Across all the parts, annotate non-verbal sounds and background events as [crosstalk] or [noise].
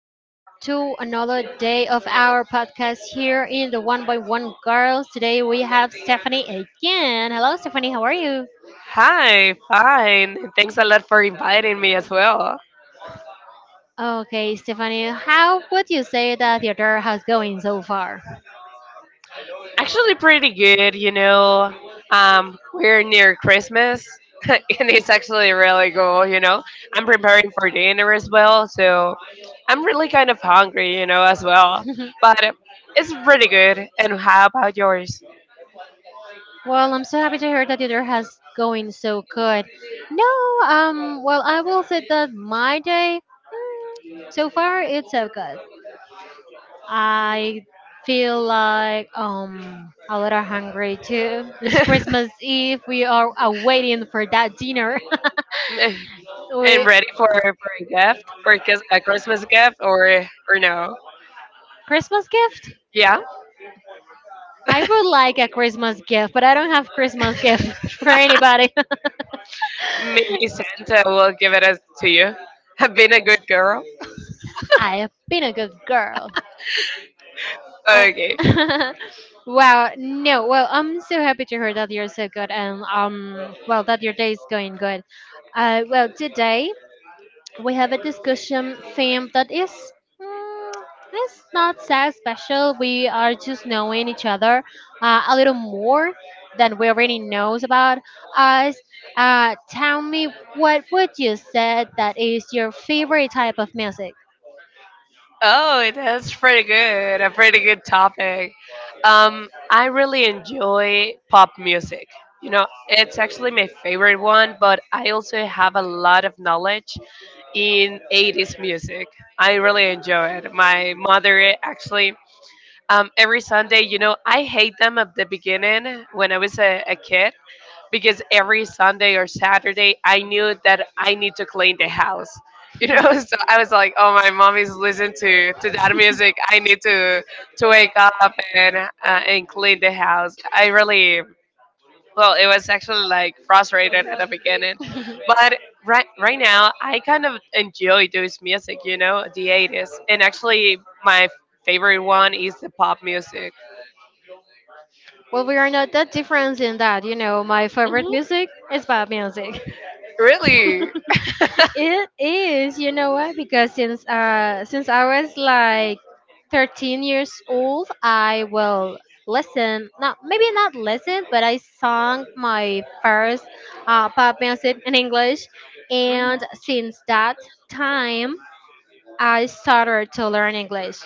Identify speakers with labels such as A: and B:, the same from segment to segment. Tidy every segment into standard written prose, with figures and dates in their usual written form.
A: here to another day of our podcast here in the One by One Girls. Today we have Stephanie again. Hello, Stephanie. How are you?
B: Hi, fine. Thanks a lot for inviting me as well.
A: Okay, Stephanie, how would you say that the other has going so far?
B: Actually, pretty good, you know. We're near Christmas, [laughs] and it's actually really cool, you know. I'm preparing for dinner as well, so I'm really kind of hungry, you know, as well.
A: [laughs]
B: But it's pretty good. And how about yours?
A: Well, I'm so happy to hear that the other has going so good. No, well, I will say that my day so far it's so good. I feel like a little hungry too. It's
B: [laughs]
A: Christmas Eve. We are waiting for that dinner. [laughs]
B: And
A: we,
B: ready for, a gift, for a a Christmas gift, or no?
A: Christmas gift?
B: Yeah?
A: I would like a Christmas gift, but I don't have Christmas gift [laughs] for anybody. [laughs]
B: Maybe Santa will give it as to you. [laughs] I've been a good girl.
A: I have been a good girl. Oh.
B: Okay.
A: [laughs] Wow, no. Well, I'm so happy to hear that you're so good, and well, that your day is going good. Well, today we have a discussion theme that is mm, it's not that special. We are just knowing each other a little more than we already knows about us. Tell me, what would you say that is your favorite type of music?
B: Oh, that's pretty good. A pretty good topic. I really enjoy pop music. You know, it's actually my favorite one, but I also have a lot of knowledge in 80s music. I really enjoy it. My mother actually, every Sunday, you know, I hate them at the beginning when I was a kid because every Sunday or Saturday I knew that I need to clean the house. You know, [laughs] so I was like, "Oh, my mom is listening to that music. I need to wake up and clean the house." I really well, it was actually like frustrated at the beginning, but right now I kind of enjoy those music. You know, the '80s, and actually my favorite one is the pop music.
A: Well, we are not that different in that. You know, my favorite
B: Hmm.
A: music is bad music.
B: Really?
A: It is, you know why? Because since I was like 13 years old, I will listen. Not maybe not listen, but I sung my first pop music in English,
B: Mhm.
A: and since that time, I started to learn English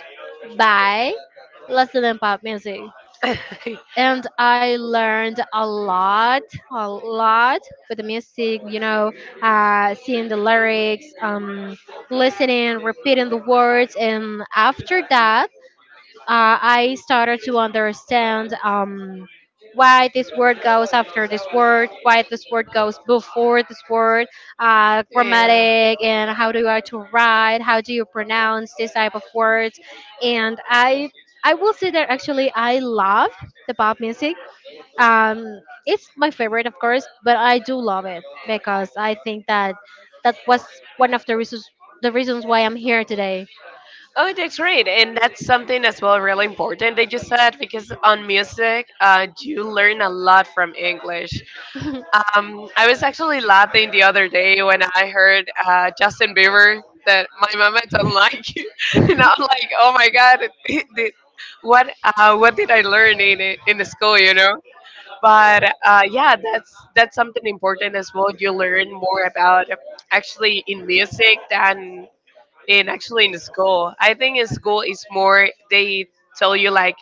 A: by listening pop music,
B: [laughs]
A: and I learned a lot with the music. You know, seeing the lyrics, listening, repeating the words, and after that, I started to understand why this word goes after this word, why this word goes before this word,
B: Yeah.
A: grammatic, and how do I to write, how do you pronounce this type of words, and I. I will say that actually I love the pop music, um it's my favorite of course, but I do love it because I think that that was one of the reasons, the reasons why I'm here today.
B: Oh, that's great. And that's something as well really important that you said because on music, you learn a lot from English.
A: [laughs] mm,
B: I was actually laughing the other day when I heard Justin Bieber that my mama [laughs] don't like you, [laughs] and I'm like, oh my god, did- what what did I learn in it in the school, you know? But yeah, that's something important as well. You learn more about actually in music than in actually in school. I think in school is more they tell you like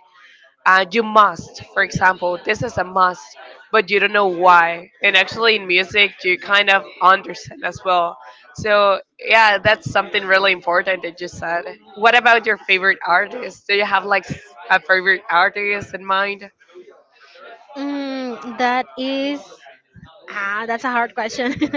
B: and you must, for example, this is a must but you don't know why, and actually in music you kind of understand as well. So yeah, that's something really important that you said. What about your favorite artist? Do you have like a favorite artist in mind?
A: that is, ah, that's a hard question. [laughs]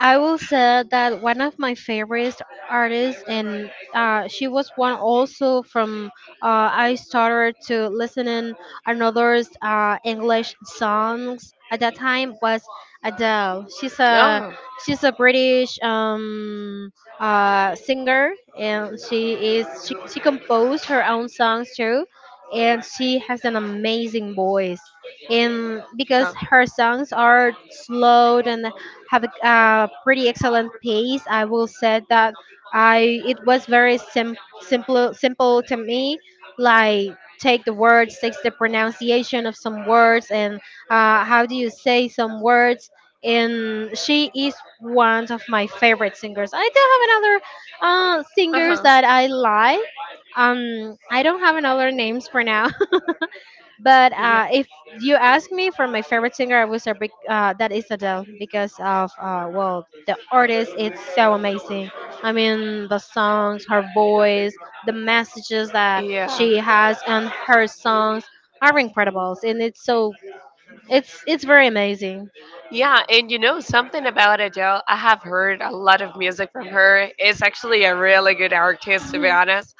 A: I will say that one of my favorite artists, and she was one also from. I started to listening another's English songs at that time was Adele.
B: Oh,
A: She's a British, singer, and she composed her own songs too, and she has an amazing voice. And because
B: yeah.
A: her songs are slow and have a pretty excellent pace. I will say that I it was very simple simple to me. Like take the words, takes the pronunciation of some words, and how do you say some words. And she is one of my favorite singers. I do have another singers
B: Uh-huh.
A: that I like. I don't have another names for now. But
B: Yeah,
A: if you ask me for my favorite singer, I would say that is Adele because of well, the artist. It's so amazing. I mean the songs, her voice, the messages that
B: yeah,
A: she has on her songs are incredible, and it's so it's very amazing.
B: yeah. And you know something about Adele, I have heard a lot of music from her. It's actually a really good artist to be
A: Mhm.
B: honest.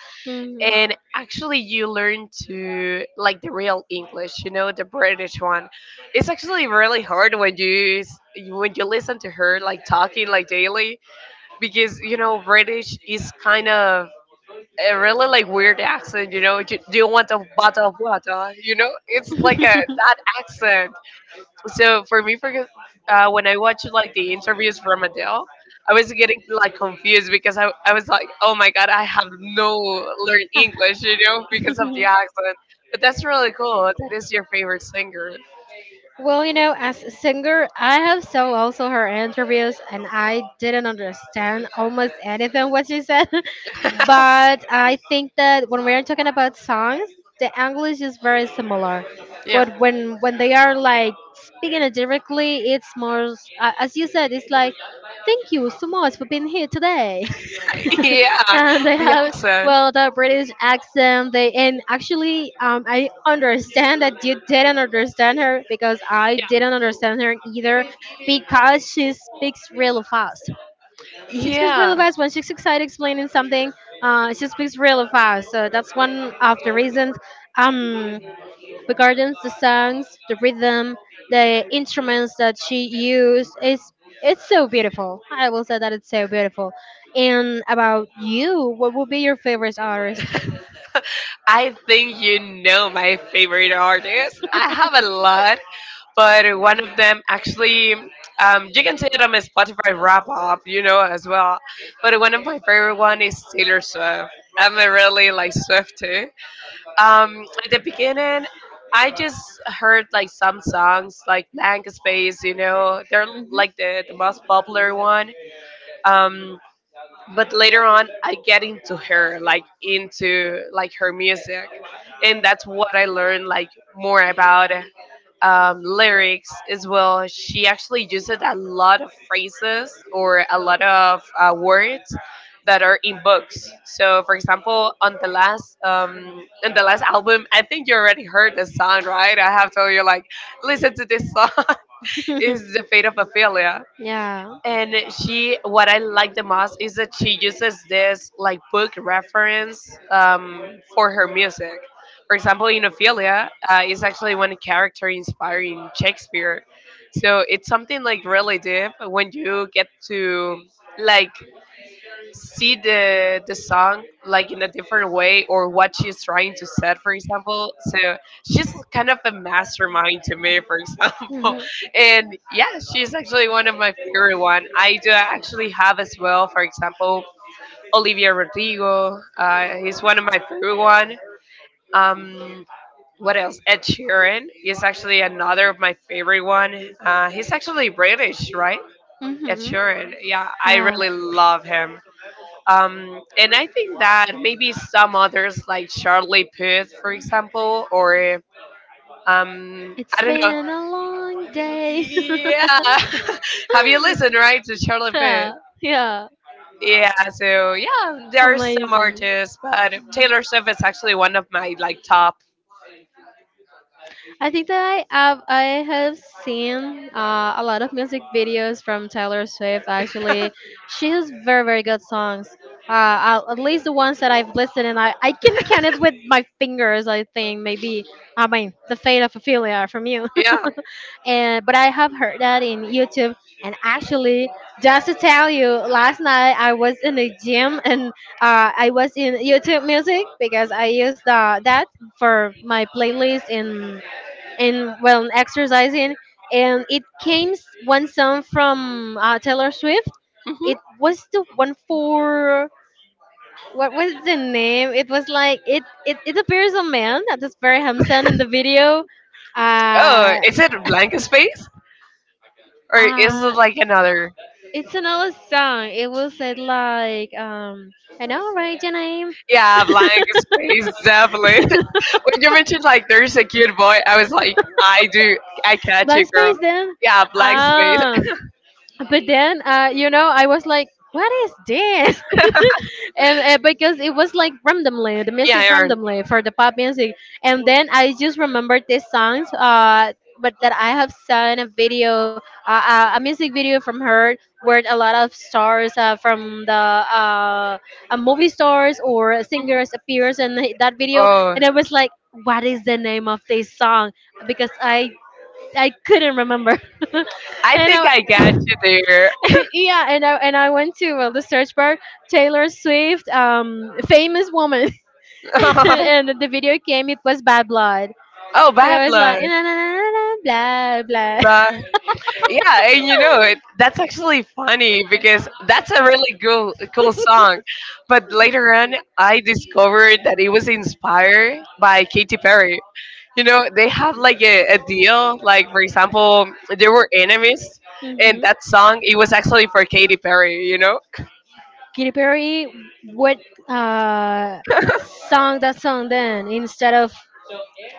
A: Mhm.
B: And actually you learn to like the real English, you know, the British one. It's actually really hard when you when you listen to her like talking like daily because, you know, British is kind of a really like weird accent. You know, do you want a bottle of water? You know, it's like a that accent. So for me, for when I watched like the interviews from Adele, I was getting like confused because I was like, oh my god, I have no learned English, you know, because of the accent. But that's really cool. That is your favorite singer.
A: Well, you know, as a singer, I have saw also her interviews, and I didn't understand almost anything what she said.
B: [laughs]
A: But I think that when we are talking about songs, the English is very similar.
B: Yeah.
A: But when they are like speaking it directly, it's more as you said. It's like, thank you so much for being here today. [laughs]
B: [laughs] Yeah,
A: And they
B: the
A: have
B: accent.
A: well, the British accent. They and actually, I understand that you didn't understand her because I didn't understand her either because she speaks real fast. She speaks really
B: Yeah.
A: fast when she's excited explaining something. She speaks really fast, so
B: [laughs]
A: that's one of the reasons. Um, regarding the songs, the rhythm, the instruments that she used, it's so beautiful. I will say that it's so beautiful. And about you, what would be your favorite artist?
B: I think you know my favorite artist. I have a lot, but one of them actually, you can see it on my Spotify wrap up, you know, as well. But one of my favorite one is Taylor Swift. I'm a really like Swift too. At the beginning I just heard like some songs like Blank Space, you know, they're
A: Mhm.
B: like the most popular one. um, but later on I get into her like into like her music, and that's what I learned like more about, lyrics as well. She actually uses a lot of phrases or a lot of words that are in books. So for example, on the last album, I think you already heard the song, right? I have told you like listen to this song. [laughs] It's the
A: [laughs]
B: Fate of Ophelia.
A: Yeah.
B: And she, what I like the most is that she uses this like book reference, for her music. For example, in Ophelia, is actually one character inspiring Shakespeare. So it's something like really deep when you get to like see the song like in a different way or what she's trying to set, for example. So she's kind of a mastermind to me, for example.
A: Mhm.
B: [laughs] And yeah, she's actually one of my favorite one. I do actually have as well, for example, Olivia Rodrigo, he's one of my favorite one. Um, what else? Ed Sheeran is actually another of my favorite one. He's actually British, right? Ed
A: Mhm.
B: Sheeran, yeah, I
A: Yeah.
B: really love him. And I think that maybe some others, like Charlie Puth, for example, or
A: It's
B: I don't know.
A: been a long day.
B: Yeah.
A: [laughs]
B: [laughs] Have you listened right to Charlie Puth?
A: Yeah, yeah.
B: Yeah, so yeah, there are some
A: Amazing.
B: artists, but Taylor Swift is actually one of my like top.
A: I think that I have seen a lot of music videos from Taylor Swift. Actually,
B: [laughs]
A: she has very very good songs. At least the ones that I've listened, and I can count it with my fingers. I think maybe I mean the fate of Ophelia from you.
B: Yeah.
A: And but I have heard that in YouTube. And actually, just to tell you, last night I was in the gym and I was in YouTube Music because I used the that for my playlist in well, in exercising, and it came one song from Taylor Swift.
B: Hmm.
A: It was the one for what was the name? It was like it appears a man that is very handsome in the video.
B: Oh,
A: Uh,
B: is it Blank Space or is it
A: uh,
B: like another?
A: It's another song. It will say like, I know, right, your name?
B: Yeah, Blank Space, definitely. [laughs] When you
A: [laughs]
B: mentioned like there's a cute boy, I was like, I do, I catch it,
A: Blank
B: girl.
A: space, then?
B: Yeah, Blank Space.
A: Um,
B: [laughs]
A: but then, you know, I was like, what is this? [laughs] And because it was like randomly the
B: Yeah,
A: music
B: Aaron.
A: randomly for the pop music, and then I just remembered these songs but that I have seen a video, a music video from her, where a lot of stars from the movie stars or singers appears in [laughs] the- that video.
B: Oh,
A: And I was like, what is the name of this song, because I couldn't remember. [laughs]
B: I
A: And
B: think
A: I,
B: I got you there.
A: [laughs] yeah, and I went to the search bar, Taylor Swift, famous woman, [laughs]
B: [laughs]
A: and the video came. It was Bad Blood,
B: Oh,
A: and
B: bad
A: I was
B: luck.
A: like, na na na na na, blah blah.
B: Bye.
A: [laughs]
B: Yeah, and you know it. That's actually funny because that's a really cool, cool song. But later on, I discovered that it was inspired by Katy Perry. You know, they have like a deal. Like for example, they were enemies, and
A: Hmm.
B: that song it was actually for Katy Perry, you know.
A: Katy Perry, what uh, song, that song then, instead of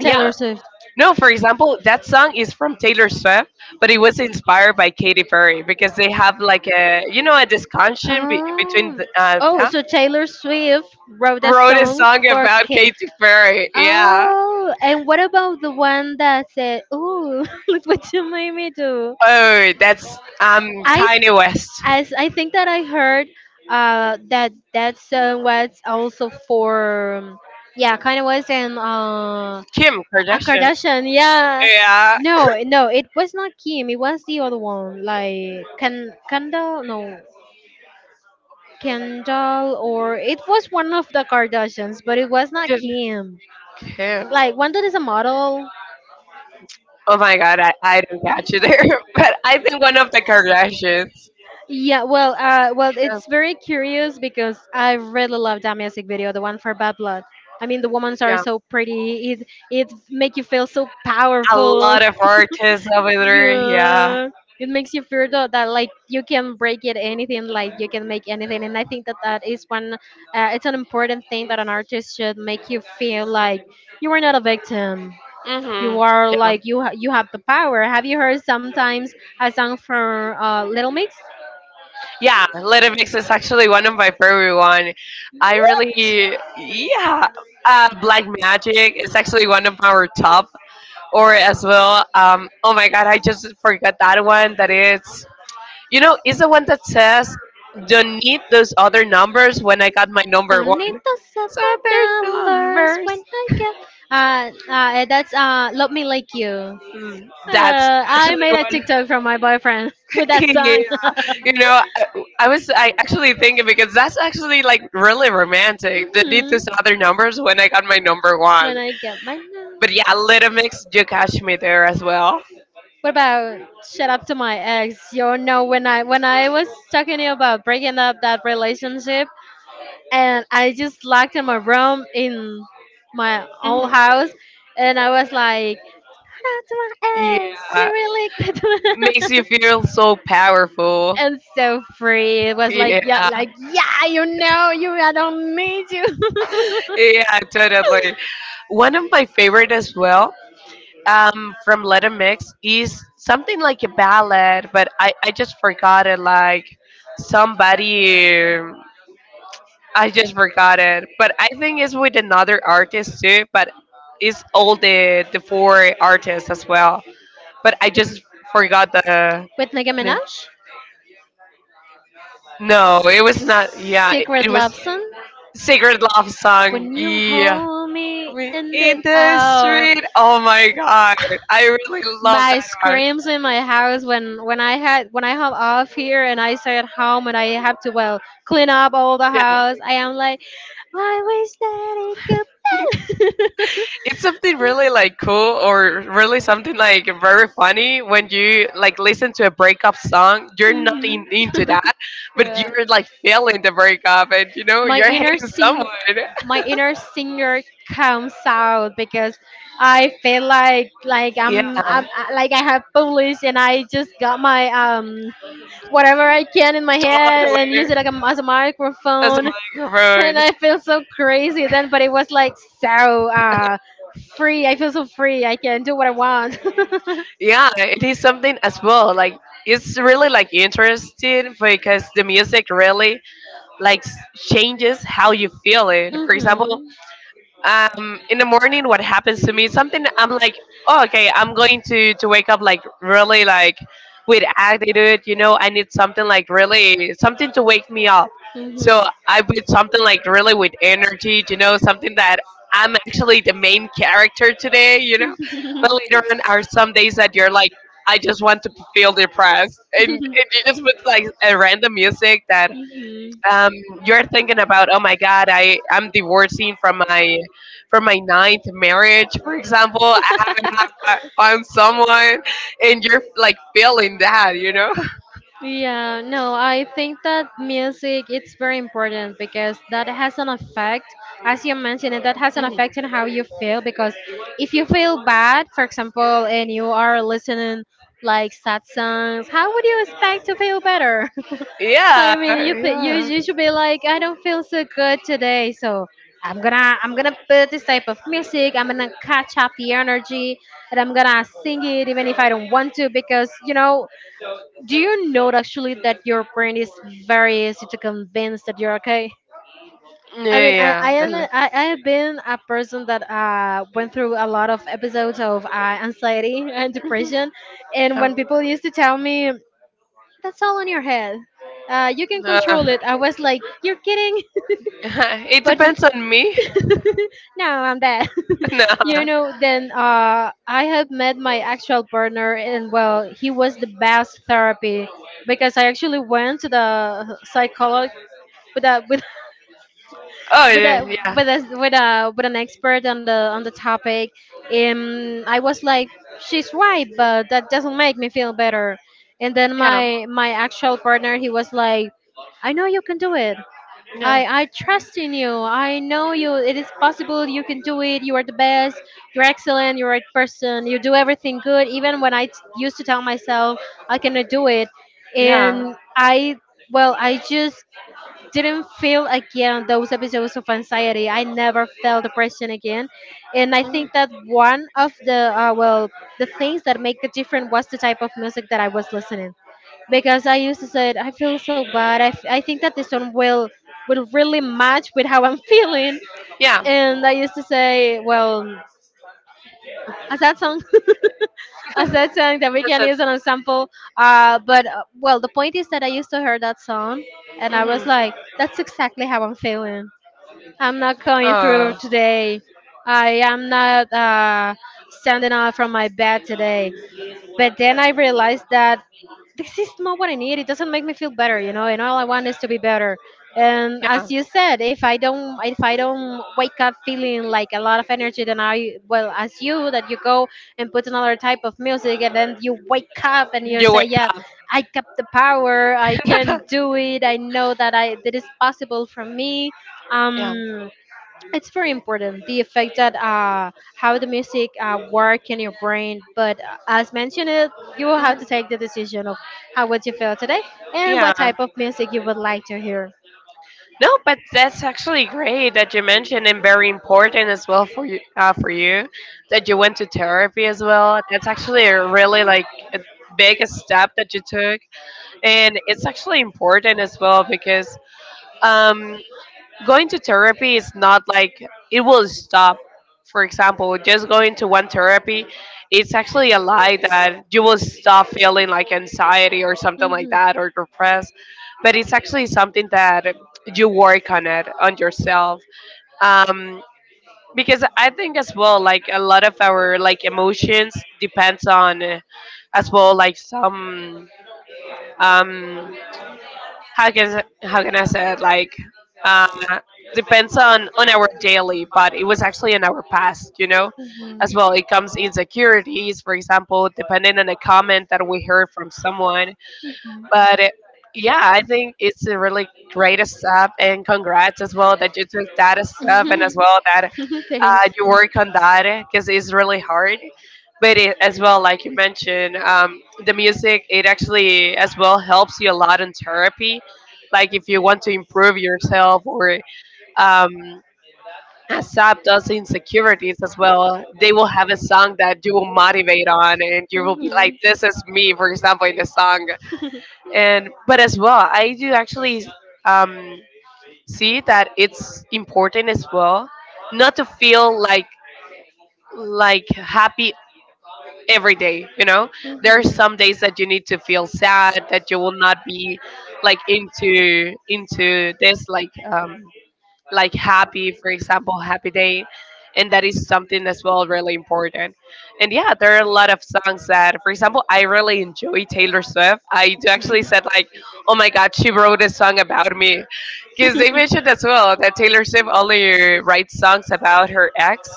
A: Taylor Swift?
B: No, for example, that song is from Taylor Swift, but it was inspired by Katy Perry because they have like a, you know, a discussion between
A: Oh, oh,
B: them.
A: so Taylor Swift wrote a
B: Wrote a
A: song
B: song
A: for
B: about
A: Kate.
B: Katy Perry. Yeah.
A: Oh, and what about the one that said, "Oh, [laughs] look what you made me do"?
B: Oh, that's
A: I,
B: Kanye West.
A: as I think that I heard, that that song was also for, yeah, kind of was in
B: Kim
A: a
B: Kardashian.
A: Kardashian. Yeah.
B: Yeah,
A: No, no, it was not Kim. It was the other one, like Kan Kanda. No, Kendall, or it was one of the Kardashians, but it was not
B: just
A: Kim.
B: Kim.
A: Like one that is a model.
B: Oh my god, I don't catch it there. [laughs] But I think one of the Kardashians.
A: Yeah, well, well,
B: Yeah.
A: it's very curious because I really love that music video, the one for Bad Blood. I mean, the women are
B: Yeah.
A: so pretty. It make you feel so
B: A
A: powerful.
B: lot of artists over
A: [laughs]
B: there. Yeah.
A: Yeah, it makes you feel that, that like you can break it anything, like you can make anything. And I think that that is one. It's an important thing that an artist should make you feel like you are not a victim. You
B: Hmm.
A: are
B: Yeah.
A: like you have the power. Have you heard sometimes a song from Little Mix?
B: Yeah. Little Mix is actually one of my favorite one. I
A: What?
B: really, yeah. Black Magic is actually one of our top. Or as well, oh my god, I just forgot that one. That is. You know, it's the one that says, "Don't need those other numbers when I got my number
A: Don't
B: one."
A: need those
B: So
A: other
B: other
A: numbers
B: numbers.
A: when I get. That's love me like you.
B: That's
A: I
B: actually
A: made a
B: when
A: TikTok from my boyfriend [laughs] with
B: [laughs]
A: that
B: he.
A: song.
B: You
A: [laughs]
B: know, I was I actually thinking because that's actually like really romantic. Don't need
A: Mhm.
B: those other numbers when I got my number one.
A: When I get my number.
B: But yeah, Little Mix, you catch me there as well.
A: What about shut up to my ex? You know when I was talking to you about breaking up that relationship, and I just locked in my room in my own
B: Mhm.
A: house, and I was like shut up to my ex, you
B: Yeah,
A: really
B: makes
A: quit.
B: you feel so
A: [laughs]
B: powerful.
A: And so free. It was like,
B: Yeah,
A: yeah, like yeah, you know, you I don't need you. [laughs]
B: yeah, totally. One of my favorite as well, from Let 'Em Mix is something like a ballad, but I just forgot it. Like somebody, I just forgot it. But I think it's with another artist too, but it's all the four artists as well. But I just forgot the
A: With Nicki
B: name.
A: Minaj?
B: No, it was not. Yeah,
A: Secret
B: it was
A: Love Song.
B: Sacred Love Song.
A: When you
B: Yeah.
A: hold me
B: We
A: in
B: in
A: the,
B: the
A: oh,
B: street. Oh my god. I really love that
A: my
B: part.
A: screams in my house, when I had when I have off here and I stay at home and I have to well, clean up all the
B: Yeah.
A: house. I am like, I wish that it
B: It's something really like cool or really something like very funny when you like listen to a breakup song. You're not in, into
A: could.
B: that, but
A: Mhm.
B: you're
A: [laughs]
B: like feeling the breakup and, you know,
A: my
B: you're
A: inner
B: hating someone.
A: sing
B: [laughs]
A: my inner singer comes out because I feel like
B: Yeah.
A: like I have published and I just got my whatever I can in my head and use it like
B: Totally.
A: a, as a
B: As a
A: microphone, [laughs] and
B: microphone.
A: I feel so crazy then, but it was like so free. I feel so free, I can do what I want. [laughs]
B: Yeah, it is something as well like it's really like interesting because the music really changes how you feel it. For example,
A: Hmm.
B: in the morning what happens to me is something I'm like, oh, okay, I'm going to wake up like really like with attitude. You know, I need something like really something to wake me up. So I put something like really with energy, you know, something that I'm actually the main character today, you know. But later on are some days that you're like I just want to feel depressed, and
A: Hmm.
B: you just put like a random music.
A: [laughs] Hmm.
B: um, you're thinking about, oh my God, I'm divorcing from my ninth marriage, for example. I haven't found someone, and you're like feeling that, you know? [laughs]
A: Yeah, no, I think that music it's very important because that has an effect, as you mentioned, it that has an
B: Mhm.
A: effect on how you feel because if you feel bad, for example, and you are listening like sad songs, how would you expect to feel better? [laughs]
B: Yeah,
A: I mean,
B: yeah,
A: you you
B: yeah,
A: should be like, I don't feel so good today, so I'm gonna put this type of music. I'm gonna catch up the energy, and I'm gonna sing it even if I don't want to, because you know, do you note actually that your brain is very easy to convince that you're okay? I mean, I,
B: yeah.
A: I am I have been a person that went through a lot of episodes of anxiety and
B: Mhm.
A: depression, and
B: Yeah.
A: when people used to tell me that's all in your head, you can
B: Uh,
A: control it, I was like, you're kidding.
B: [laughs] it
A: [laughs] But
B: depends on me.
A: no, I'm dead.
B: [laughs] No.
A: [laughs] You no. Know, then I have met my actual partner, and well, he was the best therapy because I actually went to the psychologist with a with
B: Oh
A: [laughs] with a,
B: yeah,
A: yeah,
B: yeah.
A: with an expert on the topic, and I was like, she's right, but that doesn't make me feel better. And then
B: Yeah.
A: my actual partner, he was like, I know you can do it.
B: Yeah.
A: I trust in you. I know you. It is possible. You can do it. You are the best. You're excellent. You're the right person. You do everything good. Even when used to tell myself I cannot do it,
B: Yeah.
A: and I, well, I just didn't feel again those episodes of anxiety. I never felt depression again, and I
B: Mhm.
A: think that one of the well the things that make the difference was the type of music that I was listening because I used to say I feel so bad. I think that this song will really match with how I'm feeling,
B: Yeah.
A: and I used to say, well, as that song, [laughs] as that song that we
B: That's
A: can
B: it.
A: use as an example. But well, the point is that I used to hear that song, and I was
B: Hmm.
A: like, that's exactly how I'm feeling. I'm not going through
B: Uh,
A: today. I am not standing up from my bed today. But then I realized that this is not what I need. It doesn't make me feel better, and all I want is to be better. And
B: yeah.
A: as you said, if I don't wake up feeling like a lot of energy, then I, well, as you that you go and put another type of music, and then you wake up and you
B: You
A: say,
B: wake
A: yeah,
B: up.
A: I got the power, I can do it, I know that I that is possible for me.
B: Yeah.
A: Um it's very important the effect that how the music work in your brain, but as mentioned it, you will have to take the decision of how would you feel today and
B: Yeah.
A: what type of music you would like to hear.
B: No, but that's actually great that you mentioned and very important as well for you, for you that you went to therapy as well. That's actually a really like a big step that you took, and it's actually important as well because, um, going to therapy is not like it will stop. For example, just going to one therapy, it's actually a lie that you will stop feeling like anxiety or something like that or depressed. But it's actually something that you work on it on yourself. Um, because I think as well, like a lot of our like emotions depends on as well like some um how can I say it? Like, uh, depends on our daily, but it was actually in our past, you know, as well. It comes insecurities, for example, depending on a comment that we heard from someone.
A: Mhm. Mhm.
B: But it, yeah, I think it's a really great step, and congrats as well that you took that step, and as well that
A: [laughs] Thanks.
B: you work on that because it's really hard. But it, as well, like you mentioned, the music it actually as well helps you a lot in therapy. Like if you want to improve yourself or um, accept those insecurities as well, they will have a song that you will motivate on, and you will be
A: Mhm.
B: like, "This is me." For example, in the song, and but as well, I do actually um, see that it's important as well not to feel like happy every day, you know,
A: Mhm.
B: there are some days that you need to feel sad, that you will not be like into this like happy, for example, happy day. And that is something as well really important. And yeah, there are a lot of songs that, for example, I really enjoy Taylor Swift. I do actually said like, oh my God, she wrote a song about me. Because they mentioned as well that Taylor
A: [laughs]
B: Swift only writes songs about her ex.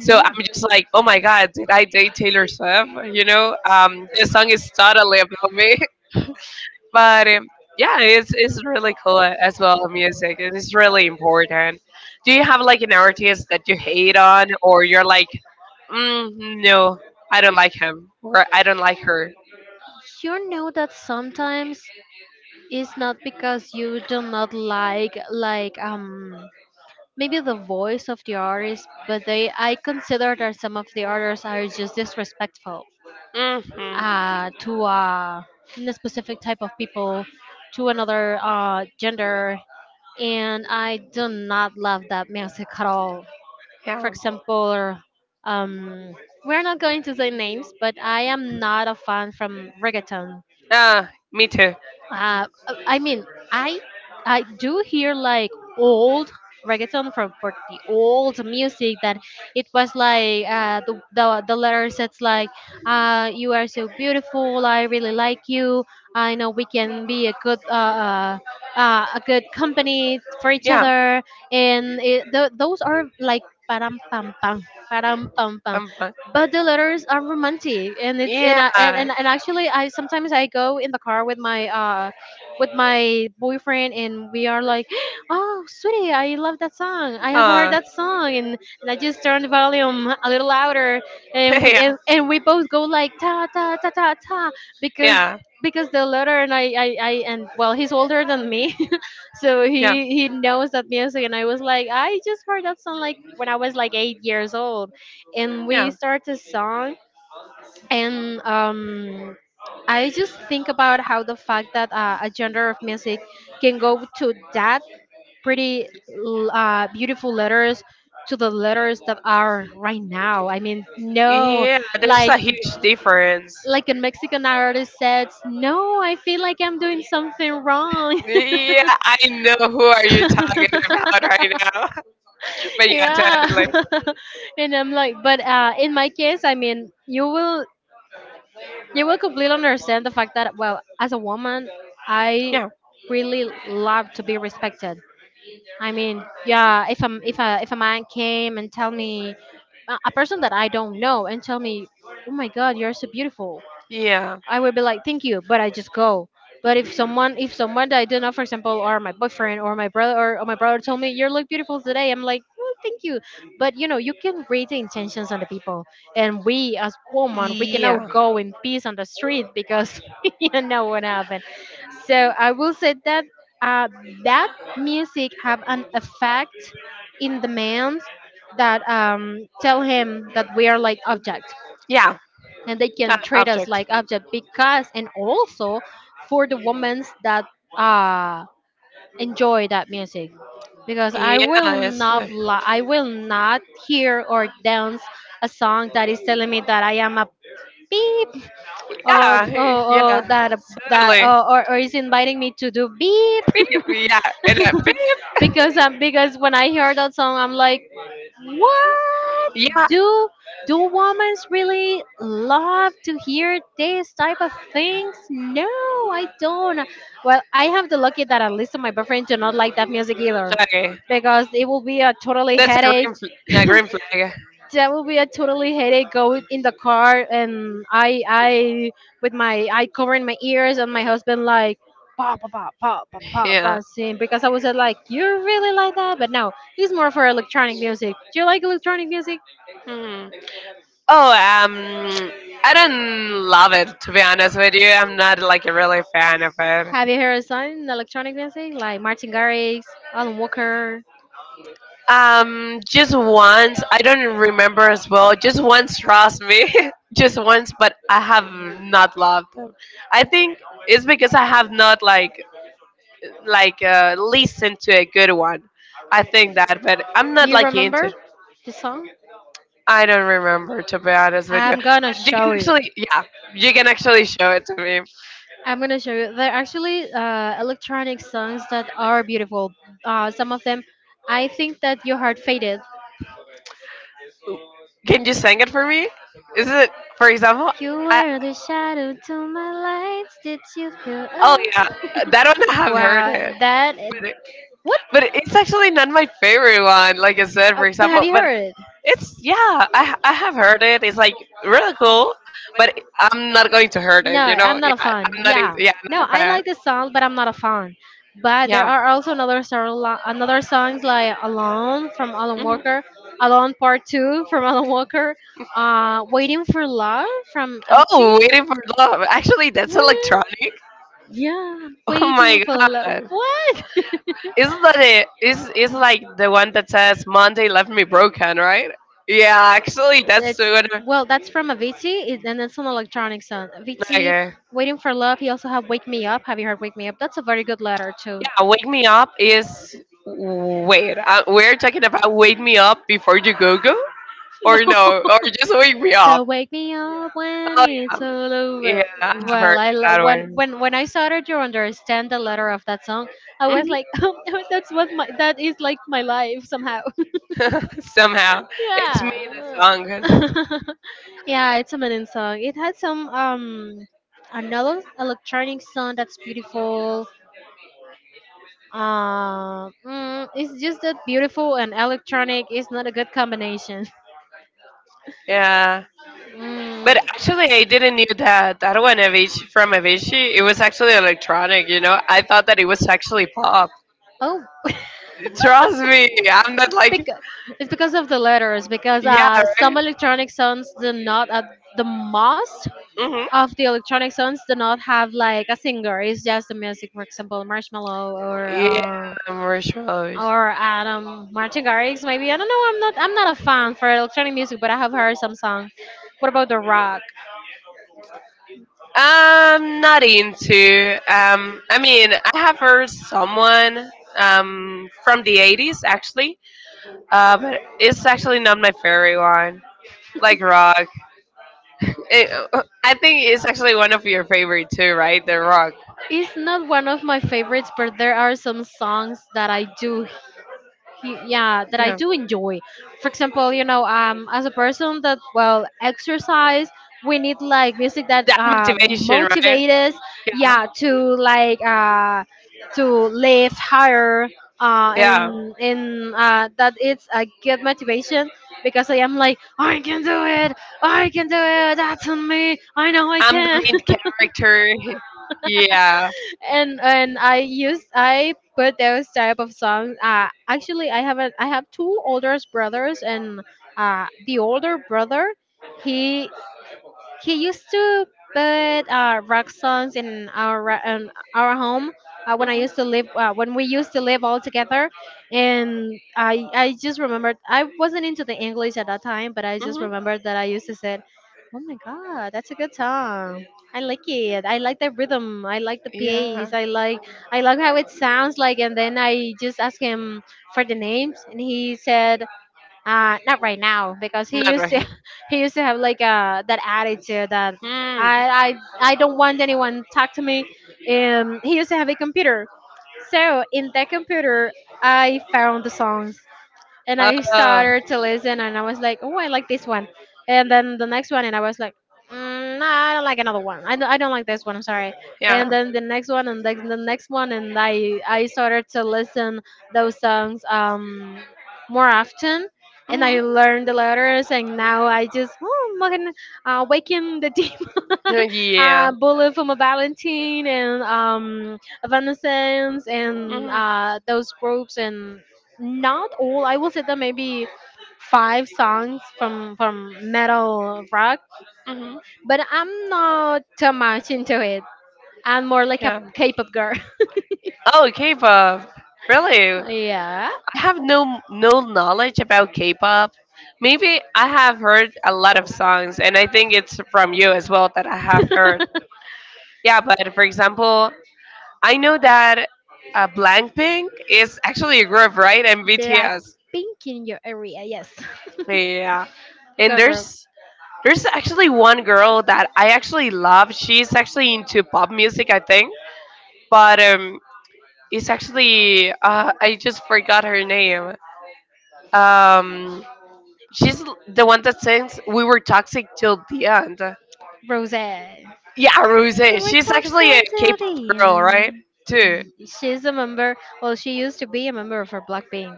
B: So I'm just like, oh my God, did I date Taylor Swift? This song is totally about me. [laughs] but Yeah, it's really cool as well. Music, and it's really important. Do you have like an artist that you hate on, or you're like, mm, no, I don't like him, or I don't like her?
A: You know that sometimes it's not because you do not like maybe the voice of the artist, but they I consider that some of the artists are just disrespectful,
B: Hmm.
A: uh, to, uh, a specific type of people, to another, uh, gender, and I do not love that music at all. For
B: Yeah.
A: example, um, we're not going to say names, but I am not a fan from reggaeton,
B: Ah, me too.
A: uh, I mean, I I do hear like old reggaeton from for the old music that it was like, uh, the letters that's like, you are so beautiful, I really like you, I know we can be a good company for each
B: Yeah,
A: other, and it, those are like param pam pam, param pam pam,
B: I'm fine.
A: but the letters are romantic, and it's and,
B: Yeah.
A: I, and and and actually I sometimes I go in the car with my boyfriend, and we are like [gasps] oh sweetie, I love that song, I have heard
B: Uh,
A: that
B: [laughs]
A: song, and I just turn the volume a little louder, and we both go like ta ta ta ta ta because
B: yeah. Yeah.
A: the letter, and I and well, he's older than me, so
B: Yeah.
A: he knows that music, and I was like, I just heard that song like when I was like 8 years old, and we
B: Yeah,
A: start a song, and I just think about how the fact that, a genre of music can go to that pretty beautiful letters to the letters that are right now, I mean, no,
B: yeah. There's
A: like
B: a huge difference.
A: like a Mexican artist says no, I feel like I'm doing something wrong.
B: Yeah, I know who
A: [laughs]
B: are you talking
A: [laughs]
B: about right now. [laughs] But yeah,
A: Yeah.
B: totally.
A: [laughs] And I'm like, but in my case, I mean, you will completely understand the fact that, well, as a woman, I
B: Yeah.
A: really love to be respected. I mean, yeah, if I'm if a man came and tell me a person that I don't know and tell me, oh my god, you're so beautiful,
B: Yeah.
A: I would be like, thank you, but I just go. But
B: Mhm.
A: if someone that I do not, for example, or my boyfriend or my brother told me you look beautiful today, I'm like, well, thank you. But you know, you can read the intentions on the people, and we, as women, we
B: Yeah.
A: cannot go in peace on the street because [laughs] you know what happened. So I will say that, uh, that music have an effect in the man that, tell him that we are like object,
B: Yeah.
A: and they can treat us
B: Object.
A: like object because, and also for the women that uh enjoy that music, because I will
B: Yes.
A: not li- I will not hear or dance a song that is telling me that I am a beep,
B: Yeah.
A: or
B: Yeah.
A: that
B: Totally.
A: or is inviting me to do beep.
B: Beep. Yeah. And then beep.
A: Because,
B: [laughs]
A: because when I hear that song I'm like, what
B: Yeah.
A: do do women really love to hear this type of things? No, I don't. Well, I have the lucky that at least my boyfriend do not like that music either,
B: Okay.
A: because it will be a totally
B: That's a
A: headache.
B: green, a green
A: [laughs]
B: flag.
A: That would be a totally headache, go in the car and I with my, I covering my ears, and my husband like pa pa pa pa pa pa
B: Yeah.
A: pa sing, because I was, like, you really like that, but no, he's more for electronic music. Do you like electronic music?
B: Hmm. Oh, I don't love it to be honest with you. I'm not like a really fan of it.
A: Have you heard some electronic music like Martin Garrix, Alan Walker?
B: Just once, I don't remember as well. Just once, trust me, [laughs] just once. But I have not loved them. I think it's because I have not like like listened to a good one. I think that, but I'm
A: Do
B: not
A: you
B: like into
A: remember
B: it.
A: the song?
B: I don't remember to be honest with you.
A: I'm gonna
B: You can
A: show you.
B: actually, yeah, you can actually show it to me.
A: I'm gonna show you. There are actually, electronic songs that are beautiful. Some of them, I think that your heart faded.
B: Can you sing it for me? Is it, for example,
A: You
B: I,
A: were the shadow to my lights. Did you feel?
B: oh
A: Oh us?
B: yeah,
A: [laughs] Yeah,
B: that one I have heard
A: wow,
B: it,
A: that.
B: but,
A: What?
B: but it's actually not my favorite one. Like I said, for
A: But have
B: example,
A: you
B: but
A: heard it?
B: it's yeah, I have heard it. It's like really cool, but I'm not going to heard
A: No,
B: it. You know,
A: I'm
B: yeah,
A: not a
B: I'm
A: fan.
B: not into,
A: Yeah,
B: yeah, I'm
A: no,
B: not a
A: I
B: fan.
A: like the song, but I'm not a fan. But there
B: Yeah.
A: are also another song, another songs like "Alone" from Alan
B: Hmm.
A: Walker, "Alone Part Two" from [laughs] Alan Walker, "Waiting for Love" from Avicii.
B: Oh, waiting for love. Actually, that's
A: What?
B: electronic. [laughs]
A: Yeah,
B: Oh
A: "Waiting
B: my
A: for Love."
B: god,
A: What? [laughs]
B: isn't that it? Is like the one that says Monday left me broken, right? Yeah, actually, that's
A: That's,
B: the one.
A: well, that's from Avicii, it- and it's an electronic song. Avicii,
B: Okay.
A: "Waiting for Love." He also have "Wake Me Up." Have you heard "Wake Me Up"? That's a very good letter too.
B: Wake Me Up is wait. We're talking about Wake Me Up before you go go, or no, or just Wake Me
A: So
B: Up.
A: wake me up when it's
B: Um,
A: all
B: yeah,
A: over.
B: I've heard
A: Well,
B: that
A: when
B: one.
A: when I started to understand the letter of that song, I was like, [laughs] oh no, that's what my that is like my life somehow. [laughs]
B: Mhm. [laughs] Somehow it's my
A: Yeah.
B: song.
A: [laughs] Yeah, it's a meaning song. It had some, another electronic song that's beautiful. It's just that beautiful and electronic is not a good combination. [laughs]
B: Yeah,
A: Mm.
B: but actually, I didn't knew that that one Avicii from Avicii. It was actually electronic. You know, I thought that it was actually pop.
A: Oh. [laughs]
B: Trust me, I'm not
A: It's
B: like
A: because, it's because of the letters, because,
B: yeah.
A: some
B: Right?
A: electronic sounds do not, the most
B: Hmm.
A: of the electronic sounds do not have like a singer. It's just the music, for example, Marshmallow or.
B: Yeah, more shows.
A: Or Adam Martin Garrix, maybe, I don't know. I'm not a fan for electronic music, but I have heard some songs. What about the rock?
B: I'm not into. I mean, I have heard someone from the 80s actually, but it's actually not my favorite one. Like rock, it, I think it's actually one of your favorite too, right? The rock.
A: It's not one of my favorites, but there are some songs that yeah, that I
B: Yeah,
A: do enjoy. For example, you know, um, as a person that, well, exercise, we need like music that,
B: that motivation, right?
A: motivate us, yeah, to like, to live higher,
B: Yeah,
A: and that it's a good motivation because I am like, I can do it, I can do it, that's on me, I know I
B: I'm the
A: can.
B: main
A: [laughs]
B: character. [laughs] Yeah.
A: And I use, I put those type of songs. Actually, I have 2 older brothers, and, the older brother, he he used to put, rock songs in our in our home,
B: Mhm.
A: when we used to live all together, and I just remembered I wasn't into the English at that time, but I just
B: Mhm.
A: remembered that I used to say, "Oh my God, that's a good song." I like it. I like the rhythm. I like the
B: Yeah,
A: pace. I like how it sounds like. And then I just asked him for the names, and he said, not right now, because he
B: not
A: used to
B: right.
A: [laughs] he used to have like, that attitude that
B: Hmm.
A: I don't want anyone talk to me. He used to have a computer, so in that computer I found the songs and I
B: Oh,
A: started to listen, and I was like, oh, I like this one, and then the next one, and I was like, nah, I don't like another one. I don't like this one. I'm sorry. And
B: yeah.
A: then the next one, and the next one, and I started to listen those songs more often, and I
B: Mhm.
A: learned the letters, and now I just oh, fucking, waking the demon, [laughs]
B: Yeah.
A: bullet from a Valentine, and Evanescence, and
B: Mhm.
A: those groups, and not all. I will say that maybe five songs from metal rock,
B: Mhm.
A: but I'm not too much into it. I'm more like a
B: Yeah.
A: K-pop girl.
B: Oh, K-pop. Really?
A: [laughs]
B: I
A: Yeah.
B: have no knowledge about K-pop. Maybe I have heard a lot of songs, and I think it's from you as well that I have heard.
A: [laughs]
B: Yeah, but for example, I know that Blackpink is actually a group, right? And
A: Black
B: BTS.
A: pink in your area, yes.
B: Yeah.
A: [laughs] A
B: And
A: girl group.
B: there's actually one girl that I actually love. She's actually into pop music, I think. But It's actually I just forgot her name. Um, she's the one that sings "We Were Toxic Till the End."
A: Rose. We
B: Yeah, Rose.
A: we're
B: She's
A: toxic
B: actually a
A: to
B: K-pop
A: the
B: girl, right?
A: end.
B: Too.
A: Y- she's a member. Well, she used to be a member of her Blackpink.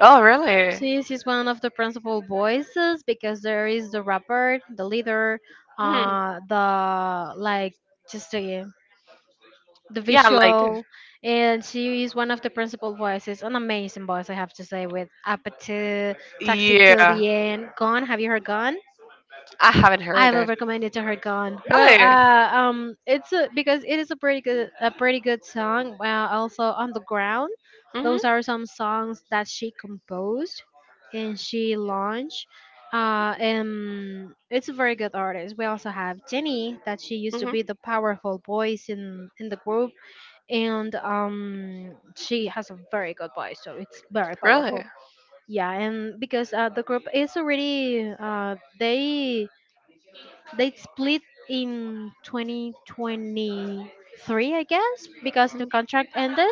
B: Oh, really?
A: She is one of the principal voices because there is the rapper, the leader,
B: Hmm.
A: the like just the
B: Yeah, I liked it.
A: visual, and she is one of the principal voices. An amazing voice, I have to say, with appetite, Toxic till
B: Yeah,
A: the end. Gone, have you heard Gone?
B: I haven't
A: I
B: heard
A: will
B: it.
A: recommend it to her. Gone. Well,
B: Really?
A: it's a, because it is a pretty good song. Well, also on the ground,
B: Mhm.
A: those are some songs that she composed and she launched. And it's a very good artist. We also have Jenny, that she used to
B: Mhm.
A: be the powerful voice in the group, and she has a very good voice, so it's very
B: Really?
A: powerful. Yeah, and because the group is already they split in 2023, I guess, because the contract ended,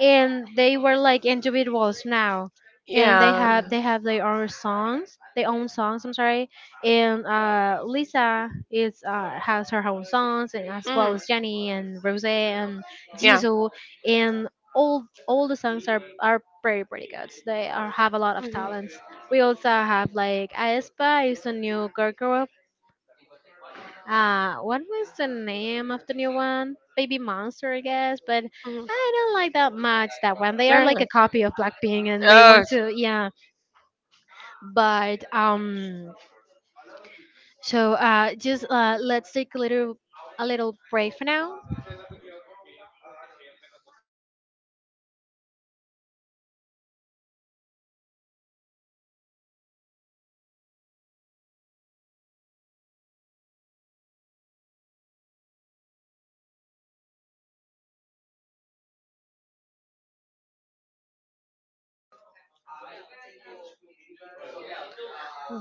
A: and they were like individuals now, and they
B: Yeah.
A: have they have their own songs, their own songs. I'm sorry, and Lisa is has her own songs, and as well
B: Mm.
A: as Jenny and Rose and
B: Yeah.
A: Jisoo, and all the songs are pretty pretty good. They are have a lot of
B: Mhm.
A: talents. We also have like Aespa is a new girl group. What was the name of the new one? Baby Monster, I guess, but
B: Mhm.
A: I don't like that much that one. They are like a
B: Really?
A: copy of Blackpink and they want
B: Nice.
A: to, yeah. But so just let's take a little break for now.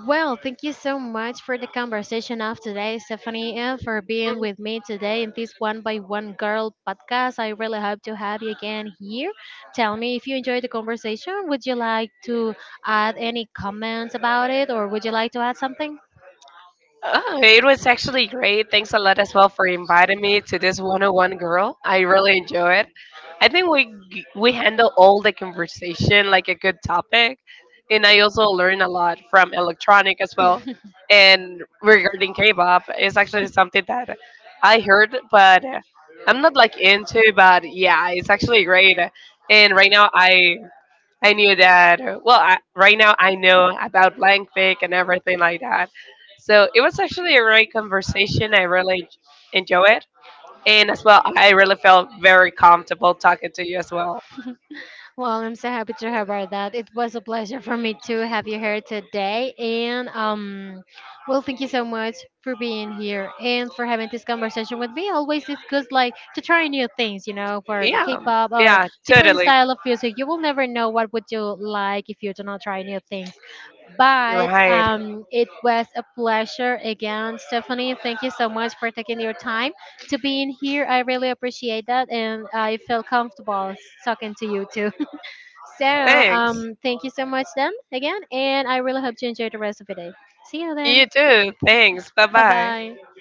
A: Well, thank you so much for the conversation of today, Stephanie, and for being with me today in this One by One Girl podcast. I really hope to have you again here. Tell me if you enjoyed the conversation. Would you like to add any comments about it, or would you like to add something?
B: Oh, it was actually great. Thanks a lot as well for inviting me to this one-on-one, girl. I really enjoy it. I think we we handle all the conversation like a good topic, and I also learn a lot from electronic as well. And regarding K-pop, it's actually something that I heard, but I'm not like into. But yeah, it's actually great. And right now, I knew that. Well, I, right now I know about blank pick and everything like that. So it was actually a great conversation. I really enjoy it. And as well, I really felt very comfortable talking to you as well.
A: Well, I'm so happy to have heard that. It was a pleasure for me to have you here today. And well, thank you so much for being here and for having this conversation with me. Always, it's good like to try new things, you know, for the
B: Yeah,
A: K-pop or
B: yeah,
A: different
B: totally.
A: style of music. You will never know what would you like if you do not try new things. But
B: Right.
A: it was a pleasure again, Stephanie. Thank you so much for taking your time to be in here. I really appreciate that, and I feel comfortable talking to you too. So,
B: Thanks.
A: thank you so much then again, and I really hope you enjoy the rest of your day. See you then.
B: You too. Thanks. Bye
A: Bye
B: bye.
A: bye.